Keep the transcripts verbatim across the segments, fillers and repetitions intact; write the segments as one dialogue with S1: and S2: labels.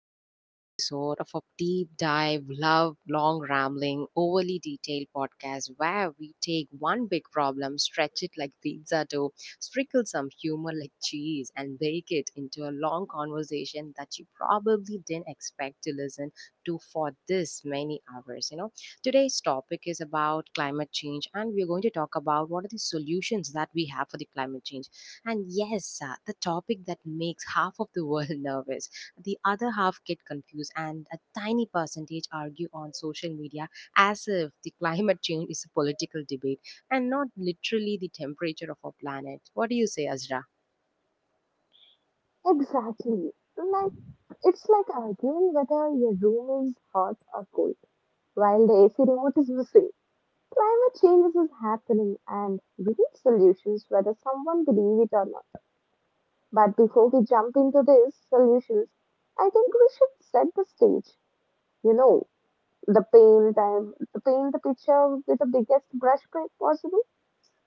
S1: to another episode of a deep dive, love, long rambling, overly detailed podcast where we take one big problem, stretch it like pizza dough, sprinkle some humor like cheese, and bake it into a long conversation that you probably didn't expect to listen to for this many hours. You know, today's topic is about climate change, and we're going to talk about what are the solutions that we have for the climate change, and yes, uh, the topic that makes half of the world nervous, the other half get confused, and a tiny percentage argue on social media as if the climate change is a political debate and not literally the temperature of our planet. What do you say, Azra?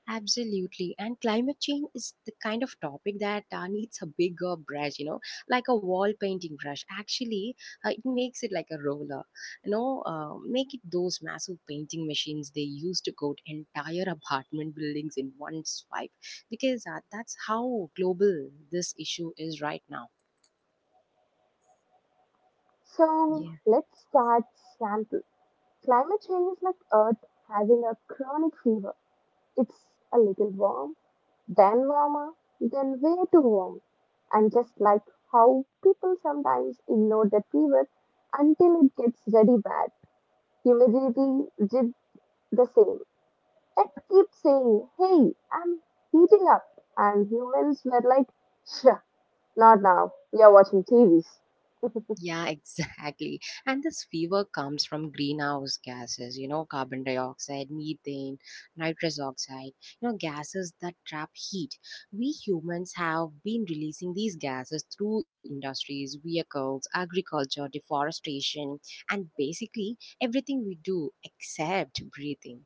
S1: Absolutely. And climate change is the kind of topic that uh, needs a bigger brush, you know, like a wall painting brush. Actually, uh, it makes it like a roller, you know, uh, make it those massive painting machines they use to coat entire apartment buildings in one swipe, because uh, that's how global this issue is right now. Yeah. Yeah, exactly. And this fever comes from greenhouse gases, you know, carbon dioxide, methane, nitrous oxide, you know, gases that trap heat. We humans have been releasing these gases through industries, vehicles, agriculture, deforestation, and basically everything we do except breathing.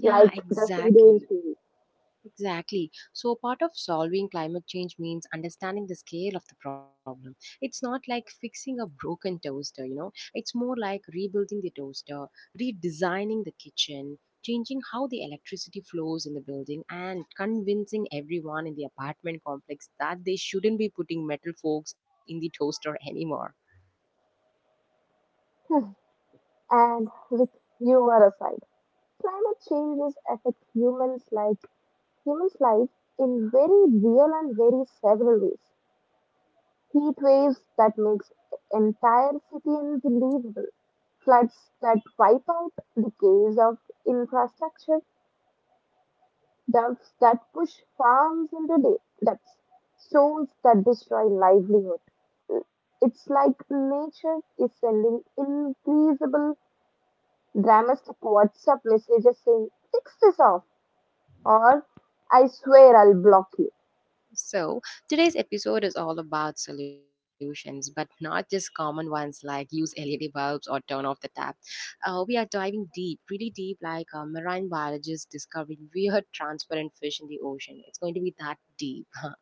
S1: Yeah, exactly. Exactly. So, part of solving climate change means understanding the scale of the problem. It's not like fixing a broken toaster, you know, it's more like rebuilding the toaster, redesigning the kitchen, changing how the electricity flows in the building, and convincing everyone in the apartment complex that they shouldn't be putting metal forks in the toaster anymore. So, today's episode is all about solutions, but not just common ones like use L E D bulbs or turn off the tap. Uh, we are diving deep, really deep, like uh, marine biologists discovering weird transparent fish in the ocean. It's going to be that deep.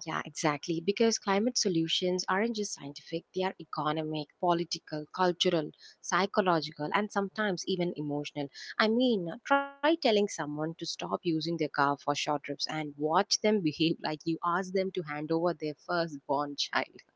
S1: Yeah, exactly. Because climate solutions aren't just scientific, they are economic, political, cultural, psychological, and sometimes even emotional. I mean, try telling someone to stop using their car for short trips and watch them behave like you asked them to hand over their firstborn child.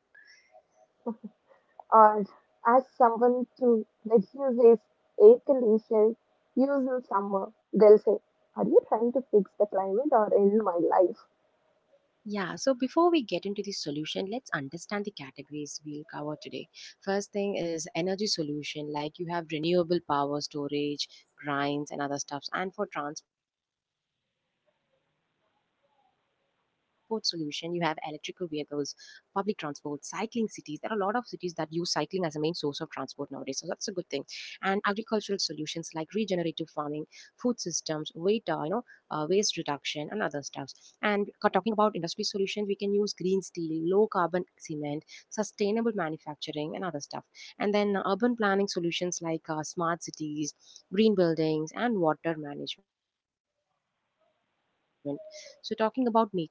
S1: Yeah, so before we get into the solution, let's understand the categories we'll cover today. First thing is energy solution, like you have renewable power storage, grinds, and other stuffs. And for transport solution, you have electrical vehicles, public transport, cycling cities. There are a lot of cities that use cycling as a main source of transport nowadays, so that's a good thing. And agricultural solutions like regenerative farming, food systems, weight, uh, you know, uh, waste reduction, and other stuffs. And ca- talking about industry solutions, we can use green steel, low carbon cement, sustainable manufacturing, and other stuff. And then uh, urban planning solutions like uh, smart cities, green buildings, and water management. So, talking about nature based solution, we have a forest,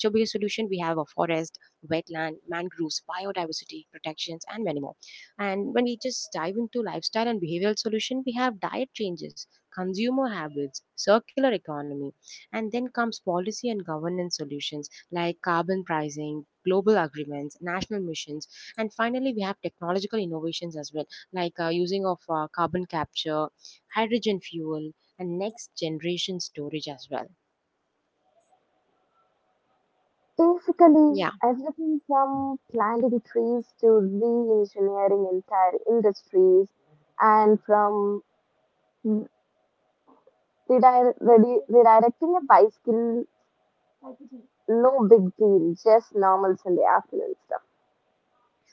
S1: wetland, mangroves, biodiversity protections, and many more. And when we just dive into lifestyle and behavioral solution, we have diet changes, consumer habits, circular economy, and then comes policy and governance solutions like carbon pricing, global agreements, national missions, and finally we have technological innovations as well, like uh, using of uh, carbon capture, hydrogen fuel, and next generation storage as well. Yeah.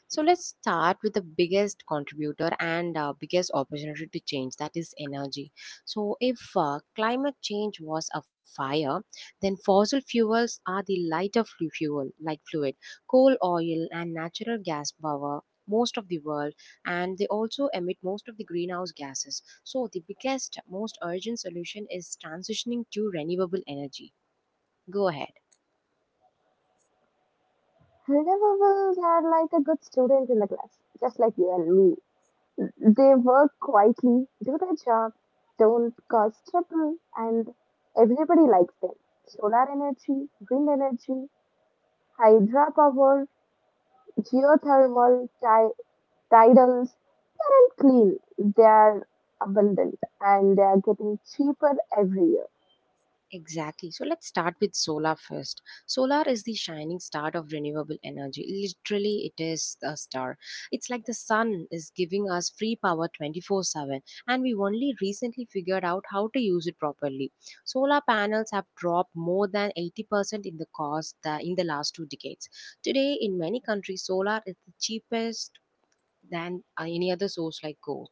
S1: So let's start with the biggest contributor and uh, biggest opportunity to change, that is energy. So if uh, climate change was a fire, then fossil fuels are the lighter flu- fuel, like fluid. Coal, oil, and natural gas power most of the world, and they also emit most of the greenhouse gases, so the biggest, most urgent solution is transitioning to renewable energy. Go ahead. Exactly. So let's start with solar first. Solar is the shining star of renewable energy. Literally, it is the star. It's like the sun is giving us free power twenty-four seven, and we only recently figured out how to use it properly. Solar panels have dropped more than eighty percent in the cost tha- in the last two decades. Today, in many countries, solar is the cheapest than uh, any other source like coal.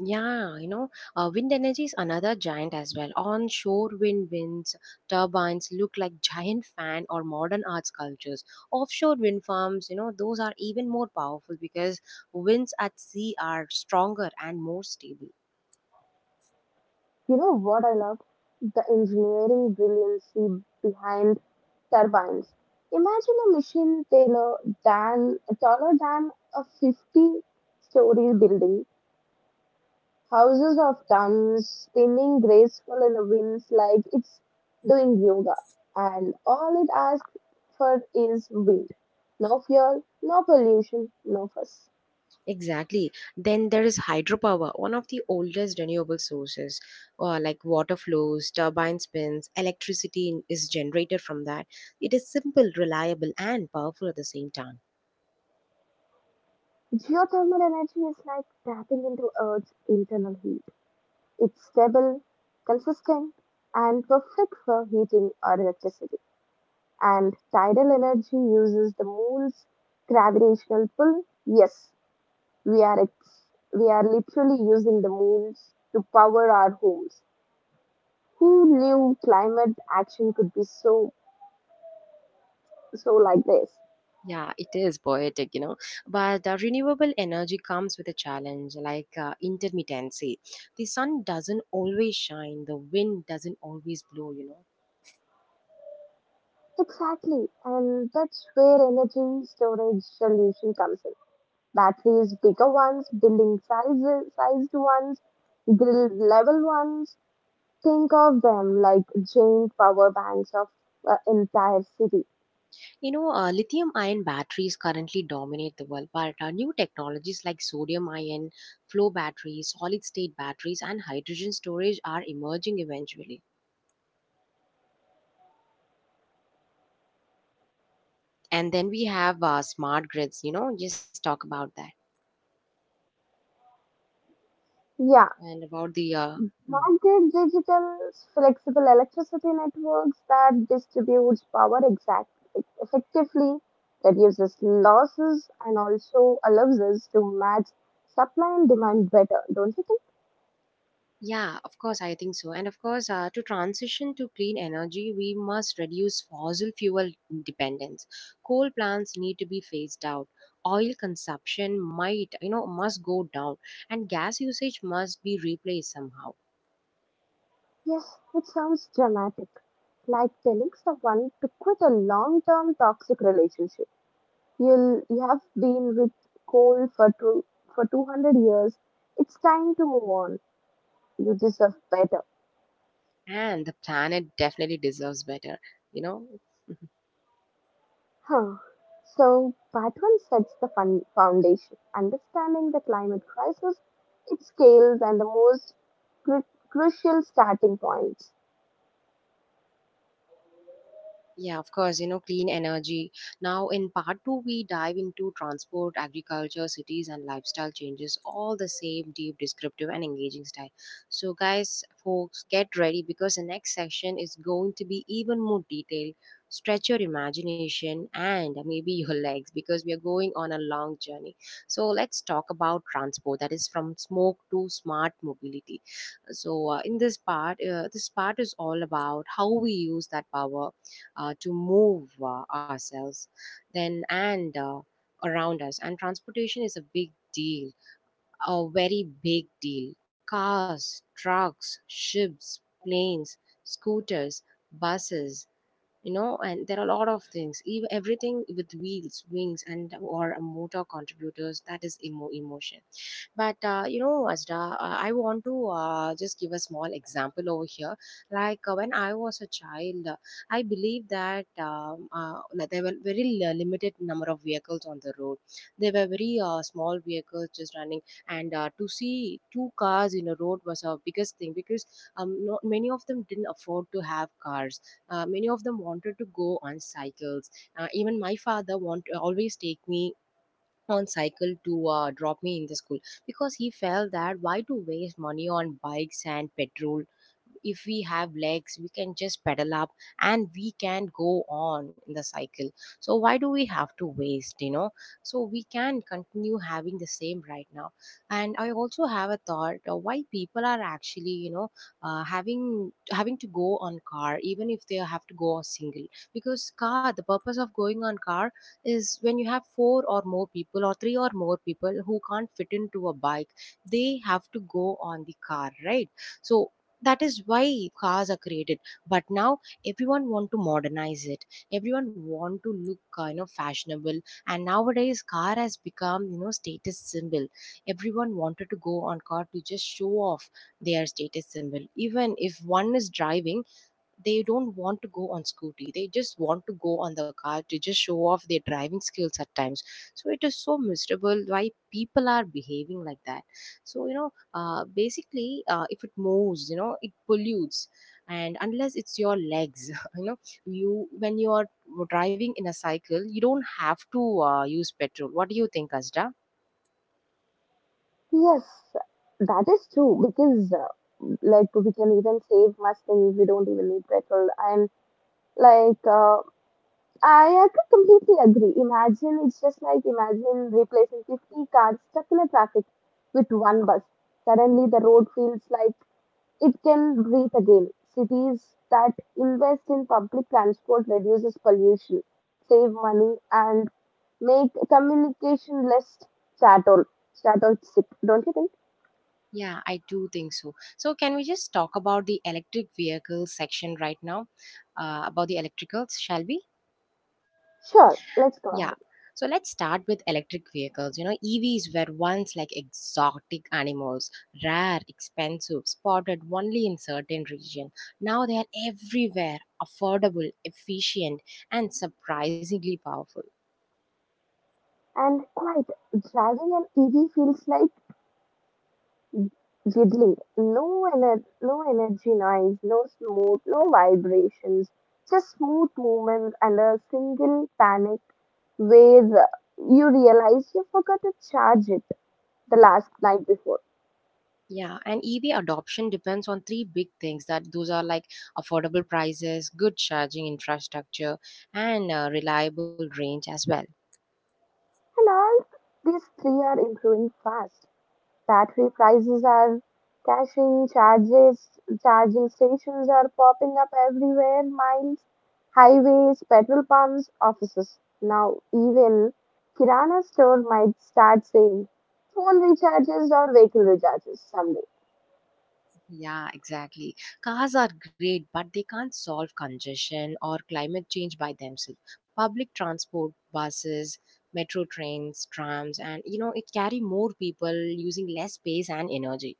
S1: Yeah, you know, uh, wind energy is another giant as well. Onshore wind winds, turbines look like giant fan or modern art sculptures. Offshore wind farms, you know, those are even more powerful because winds at sea are stronger and more stable. Exactly. Then there is hydropower, one of the oldest renewable sources, uh, like water flows, turbine spins, electricity is generated from that. It is simple, reliable, and powerful at the same time. Yeah, it is poetic, you know. But uh, renewable energy comes with a challenge like uh, intermittency. The sun doesn't always shine, the wind doesn't always blow, you know. You know, uh, lithium ion batteries currently dominate the world, but uh, new technologies like sodium ion, flow batteries, solid state batteries, and hydrogen storage are emerging eventually. And then we have uh, smart grids, you know, just talk about that and about the. Uh, mm. Yeah, of course, I think so. And of course, uh, to transition to clean energy, we must reduce fossil fuel dependence. Coal plants need to be phased out. Oil consumption might, you know, must go down, and gas usage must be replaced somehow. And the planet definitely deserves better, you know. Yeah, of course, you know, clean energy. Now, in part two, we dive into transport, agriculture, cities, and lifestyle changes, all the same deep, descriptive, and engaging style. So, guys, folks, get ready because the next section is going to be even more detailed. Stretch your imagination and maybe your legs because we are going on a long journey. So, let's talk about transport, that is from smoke to smart mobility. So, uh, in this part, uh, this part is all about how we use that power uh, to move uh, ourselves then and uh, around us. And transportation is a big deal, a very big deal: cars, trucks, ships, planes, scooters, buses you know and there are a lot of things, even everything with wheels, wings, and or a motor contributors, that is emo- emotion. But uh, you know, Azra, uh, I want to uh, just give a small example over here. Like uh, when I was a child, uh, I believe that um, uh, like there were very li- limited number of vehicles on the road. There were very uh, small vehicles just running, and uh, to see two cars in a road was a biggest thing because um, not, many of them didn't afford to have cars. Uh, many of them wanted to go on cycles. Uh, even my father want always take me on cycle to uh, drop me in the school, because he felt that why to waste money on bikes and petrol. If we have legs we can just pedal up and we can go on in the cycle. So why do we have to waste you know So we can continue having the same right now. And I also have a thought, uh, why people are actually you know uh, having having to go on car even if they have to go single? Because car, the purpose of going on car is when you have four or more people or three or more people who can't fit into a bike, they have to go on the car, right? So that is why cars are created. But now everyone want to modernize it. Everyone want to look uh, you know fashionable, and nowadays car has become you know status symbol. Everyone wanted to go on car to just show off their status symbol, even if one is driving they don't want to go on scooty, they just want to go on the car to just show off their driving skills at times. So it is so miserable why people are behaving like that. So you know uh, basically, uh, if it moves you know it pollutes, and unless it's your legs you know you when you are driving in a cycle you don't have to uh, use petrol. What do you think, asda? Yeah, I do think so so can we just talk about the electric vehicle section right now, uh, about the electricals, shall we? Yeah. So let's start with electric vehicles. You know, E Vs were once like exotic animals, rare, expensive, spotted only in certain regions. Now they are everywhere, affordable, efficient, and surprisingly powerful. Yeah, and E V adoption depends on three big things, that those are like affordable prices, good charging infrastructure, and uh, reliable range as well. Yeah, exactly. Cars are great, but they can't solve congestion or climate change by themselves. Public transport, buses, metro trains, trams, and you know, it carry more people using less space and energy.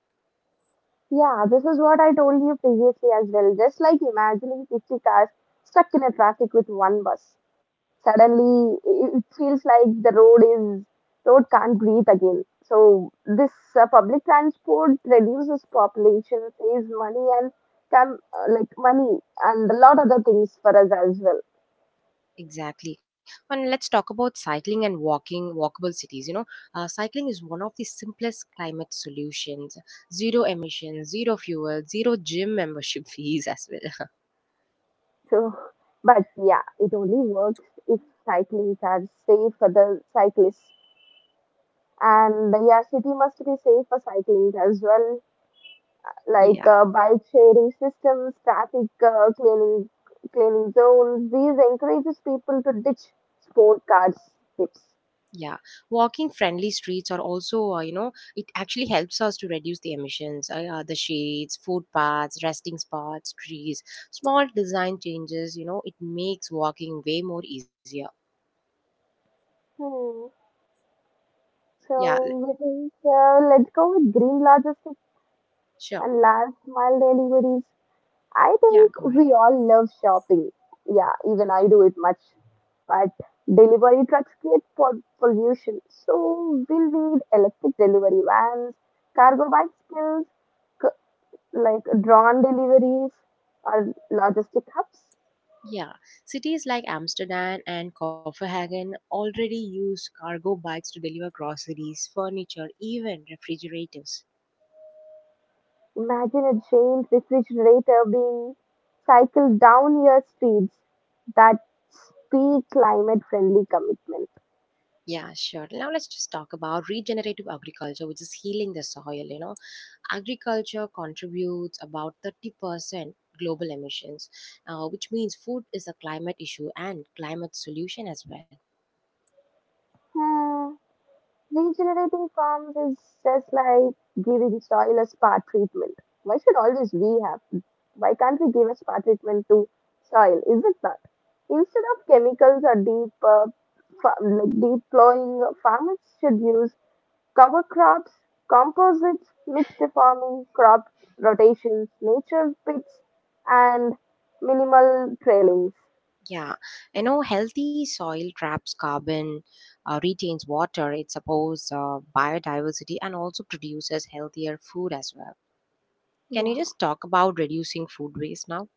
S1: Exactly. And let's talk about cycling and walking, walkable cities. You know, uh, cycling is one of the simplest climate solutions. Zero emissions, zero fuel, zero gym membership fees as well. Yeah. Yeah, walking friendly streets are also, uh, you know, it actually helps us to reduce the emissions. Uh, uh, the shades, footpaths, resting spots, trees, small design changes, you know, it makes walking way more easier. Yeah, l- sure. Yeah, go ahead. Yeah, cities like Amsterdam and Copenhagen already use cargo bikes to deliver groceries, furniture, even refrigerators. Yeah, sure. Now let's just talk about regenerative agriculture, which is healing the soil, you know, agriculture contributes about thirty percent global emissions, uh, which means food is a climate issue and climate solution as well. Yeah, I know healthy soil traps carbon, uh, retains water, it supports uh, biodiversity, and also produces healthier food as well. Can you just talk about reducing food waste now?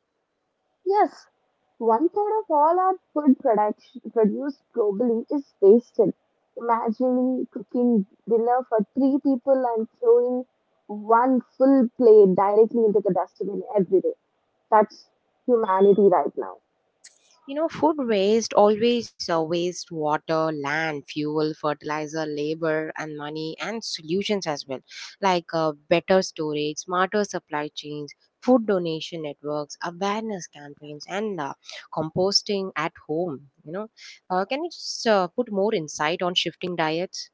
S1: You know, food waste always uh, waste water, land, fuel, fertilizer, labor, and money, and solutions as well, like uh, better storage, smarter supply chains, food donation networks, awareness campaigns, and uh, composting at home. You know, uh, can you just uh, put more insight on shifting diets?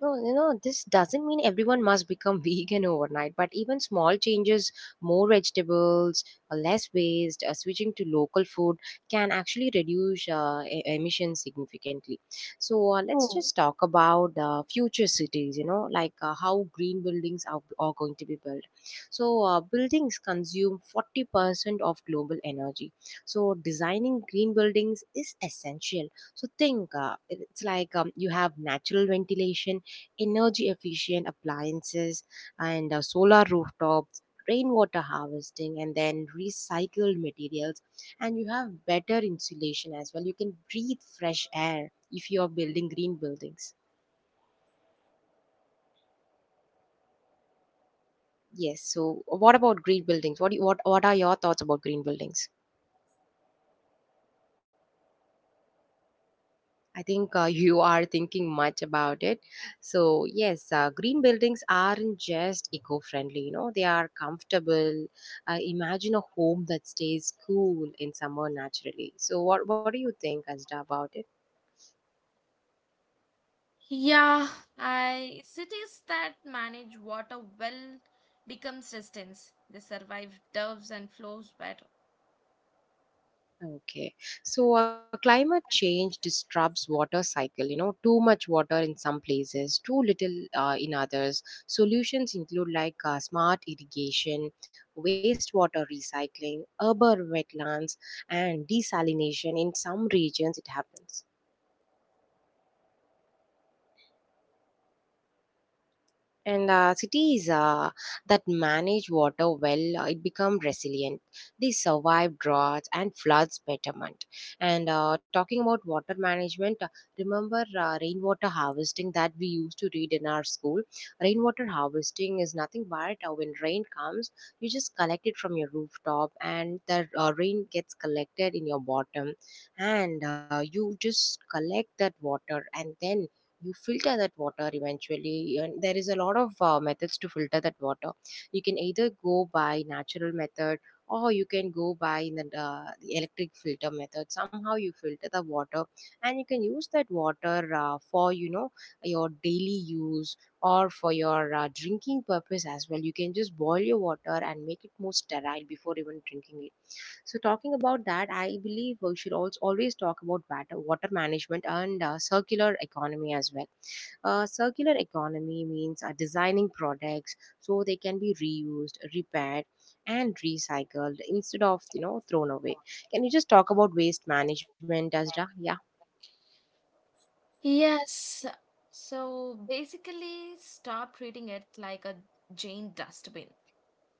S1: No, you know, this doesn't mean everyone must become vegan overnight, but even small changes, more vegetables, uh, less waste, uh, switching to local food can actually reduce uh, e- emissions significantly. So, uh, let's just talk about uh, future cities, you know, like uh, how green buildings are, are going to be built. So, uh, buildings consume forty percent of global energy. So, designing green buildings is essential. So, think uh, it- it's like um, you have natural ventilation, energy efficient appliances, and uh, solar rooftops, rainwater harvesting, and then recycled materials, and you have better insulation as well. You can breathe fresh air if you are building green buildings. Yes, so what about green buildings? What do you, what what are your thoughts about green buildings? I think uh, you are thinking much about it. So, yes, uh, green buildings aren't just eco friendly, you know, they are comfortable. Uh, imagine a home that stays cool in summer naturally. So, what, what do you think, Azda, about it?
S2: Yeah, I cities that manage water well becomes resistance. They survive doves and flows better.
S1: Okay. So uh, climate change disrupts water cycle, you know, too much water in some places, too little uh, in others. Solutions include like uh, smart irrigation, wastewater recycling, urban wetlands, and desalination in some regions it happens. And uh, cities uh, that manage water well, uh, it become resilient. They survive droughts and floods betterment. And uh, talking about water management, uh, remember uh, rainwater harvesting that we used to read in our school. Rainwater harvesting is nothing but uh, when rain comes, you just collect it from your rooftop, and the uh, rain gets collected in your bottom, and uh, you just collect that water, and then you filter that water eventually, and there is a lot of uh, methods to filter that water. You can either go by natural method, or you can go by in the, uh, the electric filter method. Somehow you filter the water, and you can use that water uh, for you know your daily use, or for your uh, drinking purpose as well. You can just boil your water and make it more sterile before even drinking it. So talking about that, I believe we should also always talk about water, water management and uh, circular economy as well. Uh, circular economy means uh, designing products so they can be reused, repaired, and recycled instead of, you know, thrown away. Can you just talk about waste management, Azra? Yeah.
S2: Yes. So basically stop treating it like a giant dustbin.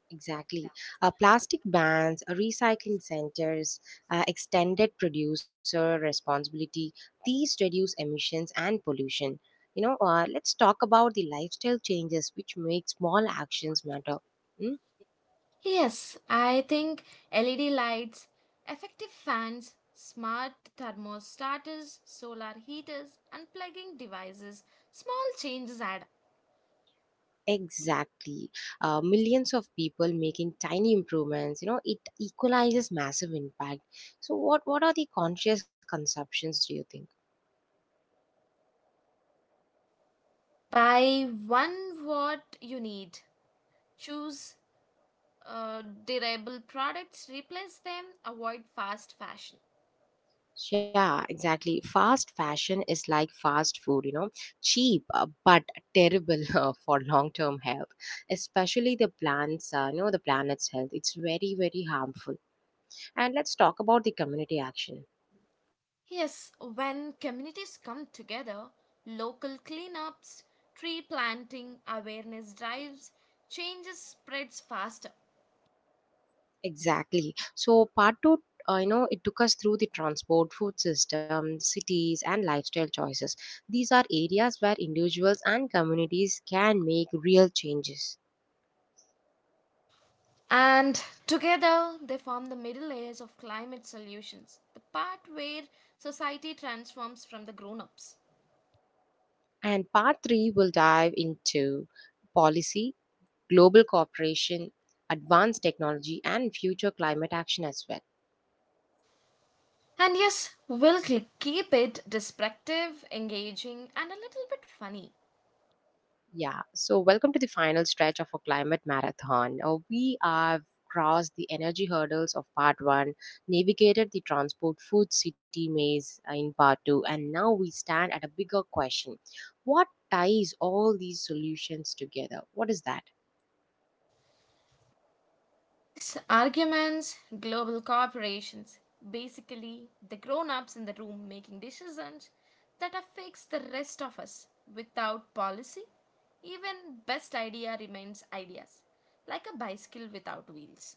S1: Exactly. Uh, plastic bans, uh, recycling centers, uh, extended producer responsibility, these reduce emissions and pollution. You know, uh, let's talk about the lifestyle changes which make small actions matter. Hmm?
S2: Yes, I think L E D lights, effective fans, smart thermostaters, solar heaters, and plugging devices, small changes add up.
S1: Exactly. Uh, millions of people making tiny improvements, you know, it equalizes massive impact. So, what, what are the conscious consumptions, do you think?
S2: Buy one what you need. Choose uh, durable products, replace them, avoid fast fashion.
S1: Yeah, exactly. Fast fashion is like fast food, you know, cheap uh, but terrible uh, for long-term health, especially the plants, uh, you know, the planet's health. It's very, very harmful. And let's talk about the community action.
S2: Yes, when communities come together, local cleanups, tree planting, awareness drives, changes spreads faster.
S1: Exactly. So part two, uh, you know, it took us through the transport, food system, cities, and lifestyle choices. These are areas where individuals and communities can make real changes.
S2: And together they form the middle layers of climate solutions, the part where society transforms from the grown ups.
S1: And part three will dive into policy, global cooperation, advanced technology, and future climate action as well.
S2: And yes, we'll cl- keep it descriptive, engaging, and a little bit funny.
S1: Yeah, so welcome to the final stretch of our climate marathon. Uh, we have crossed the energy hurdles of part one, navigated the transport food city maze uh, in part two, and now we stand at a bigger question. What ties all these solutions together? What is that?
S2: It's arguments, global corporations, basically the grown ups in the room making decisions that affects the rest of us without policy. Even best idea remains ideas, like a bicycle without wheels.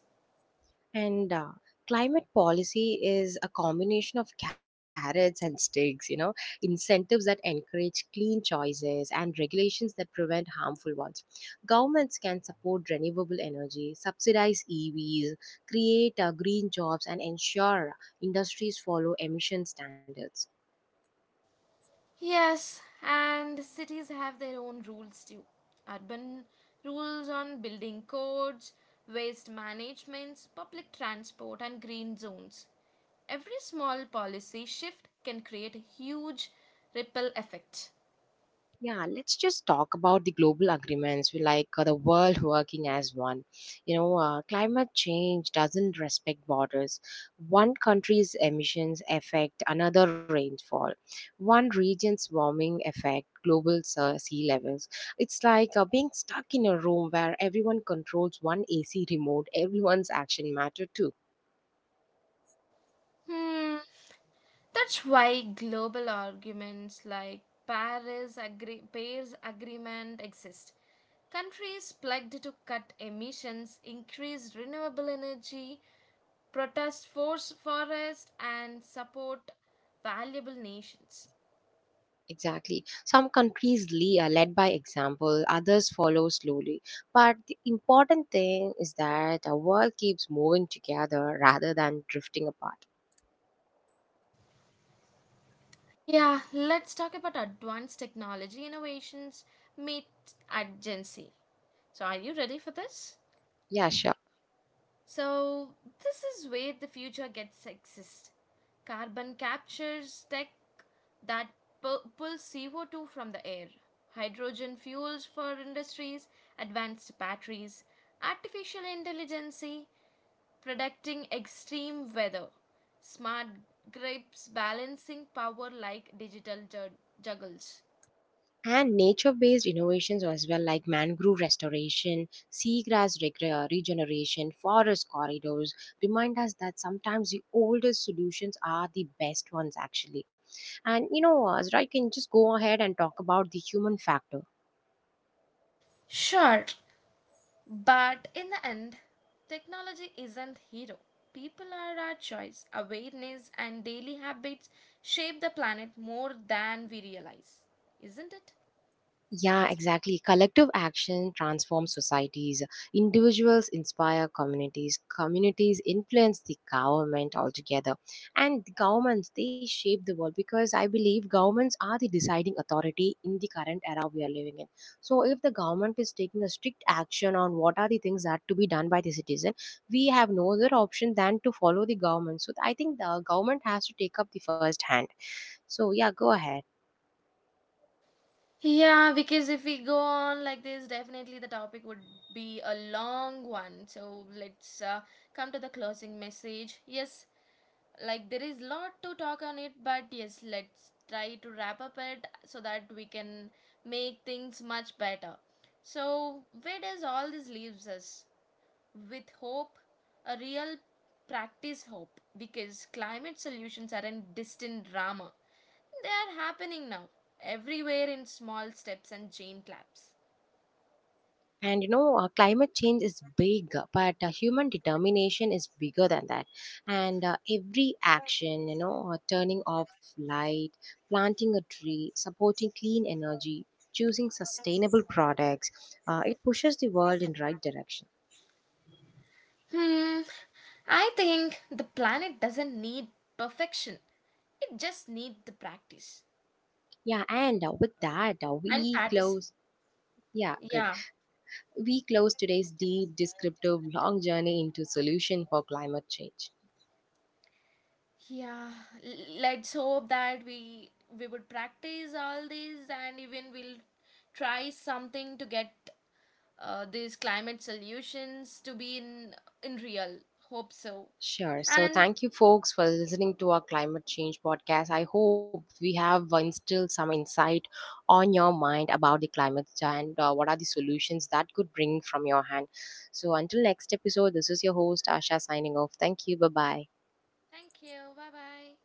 S1: And uh, climate policy is a combination of carrots and sticks, you know, incentives that encourage clean choices and regulations that prevent harmful ones. Governments can support renewable energy, subsidize E Vs, create uh, green jobs, and ensure industries follow emission standards.
S2: Yes, and cities have their own rules too. Urban rules on building codes, waste management, public transport, and green zones. Every small policy shift can create a huge ripple effect.
S1: Yeah, let's just talk about the global agreements. We like uh, the world working as one. You know, uh, climate change doesn't respect borders. One country's emissions affect another rainfall. One region's warming affect global uh, sea levels. It's like uh, being stuck in a room where everyone controls one A C remote. Everyone's action matter too.
S2: Hmm, that's why global arguments like Paris agree- Paris Agreement exist. Countries pledged to cut emissions, increase renewable energy, protest force forest and support valuable nations.
S1: Exactly. Some countries le- uh, lead by example, others follow slowly. But the important thing is that our world keeps moving together rather than drifting apart.
S2: Yeah, let's talk about advanced technology innovations meet urgency. So are you ready for this?
S1: Yeah, sure.
S2: So this is where the future gets exist. Carbon captures tech that pu- pulls C O two from the air, hydrogen fuels for industries, advanced batteries, artificial intelligence predicting extreme weather, smart grips balancing power like digital ju- juggles.
S1: And nature based innovations as well, like mangrove restoration, seagrass reg- uh, regeneration, forest corridors, remind us that sometimes the oldest solutions are the best ones, actually. And you know, uh, Azra, you can just go ahead and talk about the human factor.
S2: Sure, but in the end, technology isn't hero. People are our choice. Awareness and daily habits shape the planet more than we realize, isn't it?
S1: Yeah, exactly. Collective action transforms societies. Individuals inspire communities. Communities influence the government altogether. And the governments, they shape the world, because I believe governments are the deciding authority in the current era we are living in. So, if the government is taking a strict action on what are the things that to be done by the citizen, we have no other option than to follow the government. So, I think the government has to take up the first hand. So, yeah, go ahead.
S2: Yeah, because if we go on like this, definitely the topic would be a long one. So let's uh, come to the closing message. Yes, like there is lot to talk on it but yes let's try to wrap up it so that we can make things much better. So where does all this leaves us with hope, a real practice hope, because climate solutions aren't distant drama, they are happening now, everywhere in small steps and chain claps.
S1: And you know, uh, climate change is big, but uh, human determination is bigger than that. And uh, every action, you know, uh, turning off light, planting a tree, supporting clean energy, choosing sustainable products, uh, it pushes the world in right direction.
S2: Hmm, I think the planet doesn't need perfection, it just needs the practice
S1: Yeah, and uh, with that, uh,
S2: and
S1: we
S2: participation.
S1: close. Yeah, good.
S2: Yeah,
S1: We close today's deep, descriptive, long journey into solution for climate change.
S2: yeah. L- Let's hope that we we would practice all these and even we'll try something to get uh, these climate solutions to be in in real. Hope so.
S1: Sure. So,
S2: And
S1: thank you, folks, for listening to our climate change podcast. I hope we have instilled some insight on your mind about the climate and uh, what are the solutions that could bring from your hand. So, until next episode, this is your host, Asha, signing off. Thank you. Bye bye.
S2: thank you. Bye bye.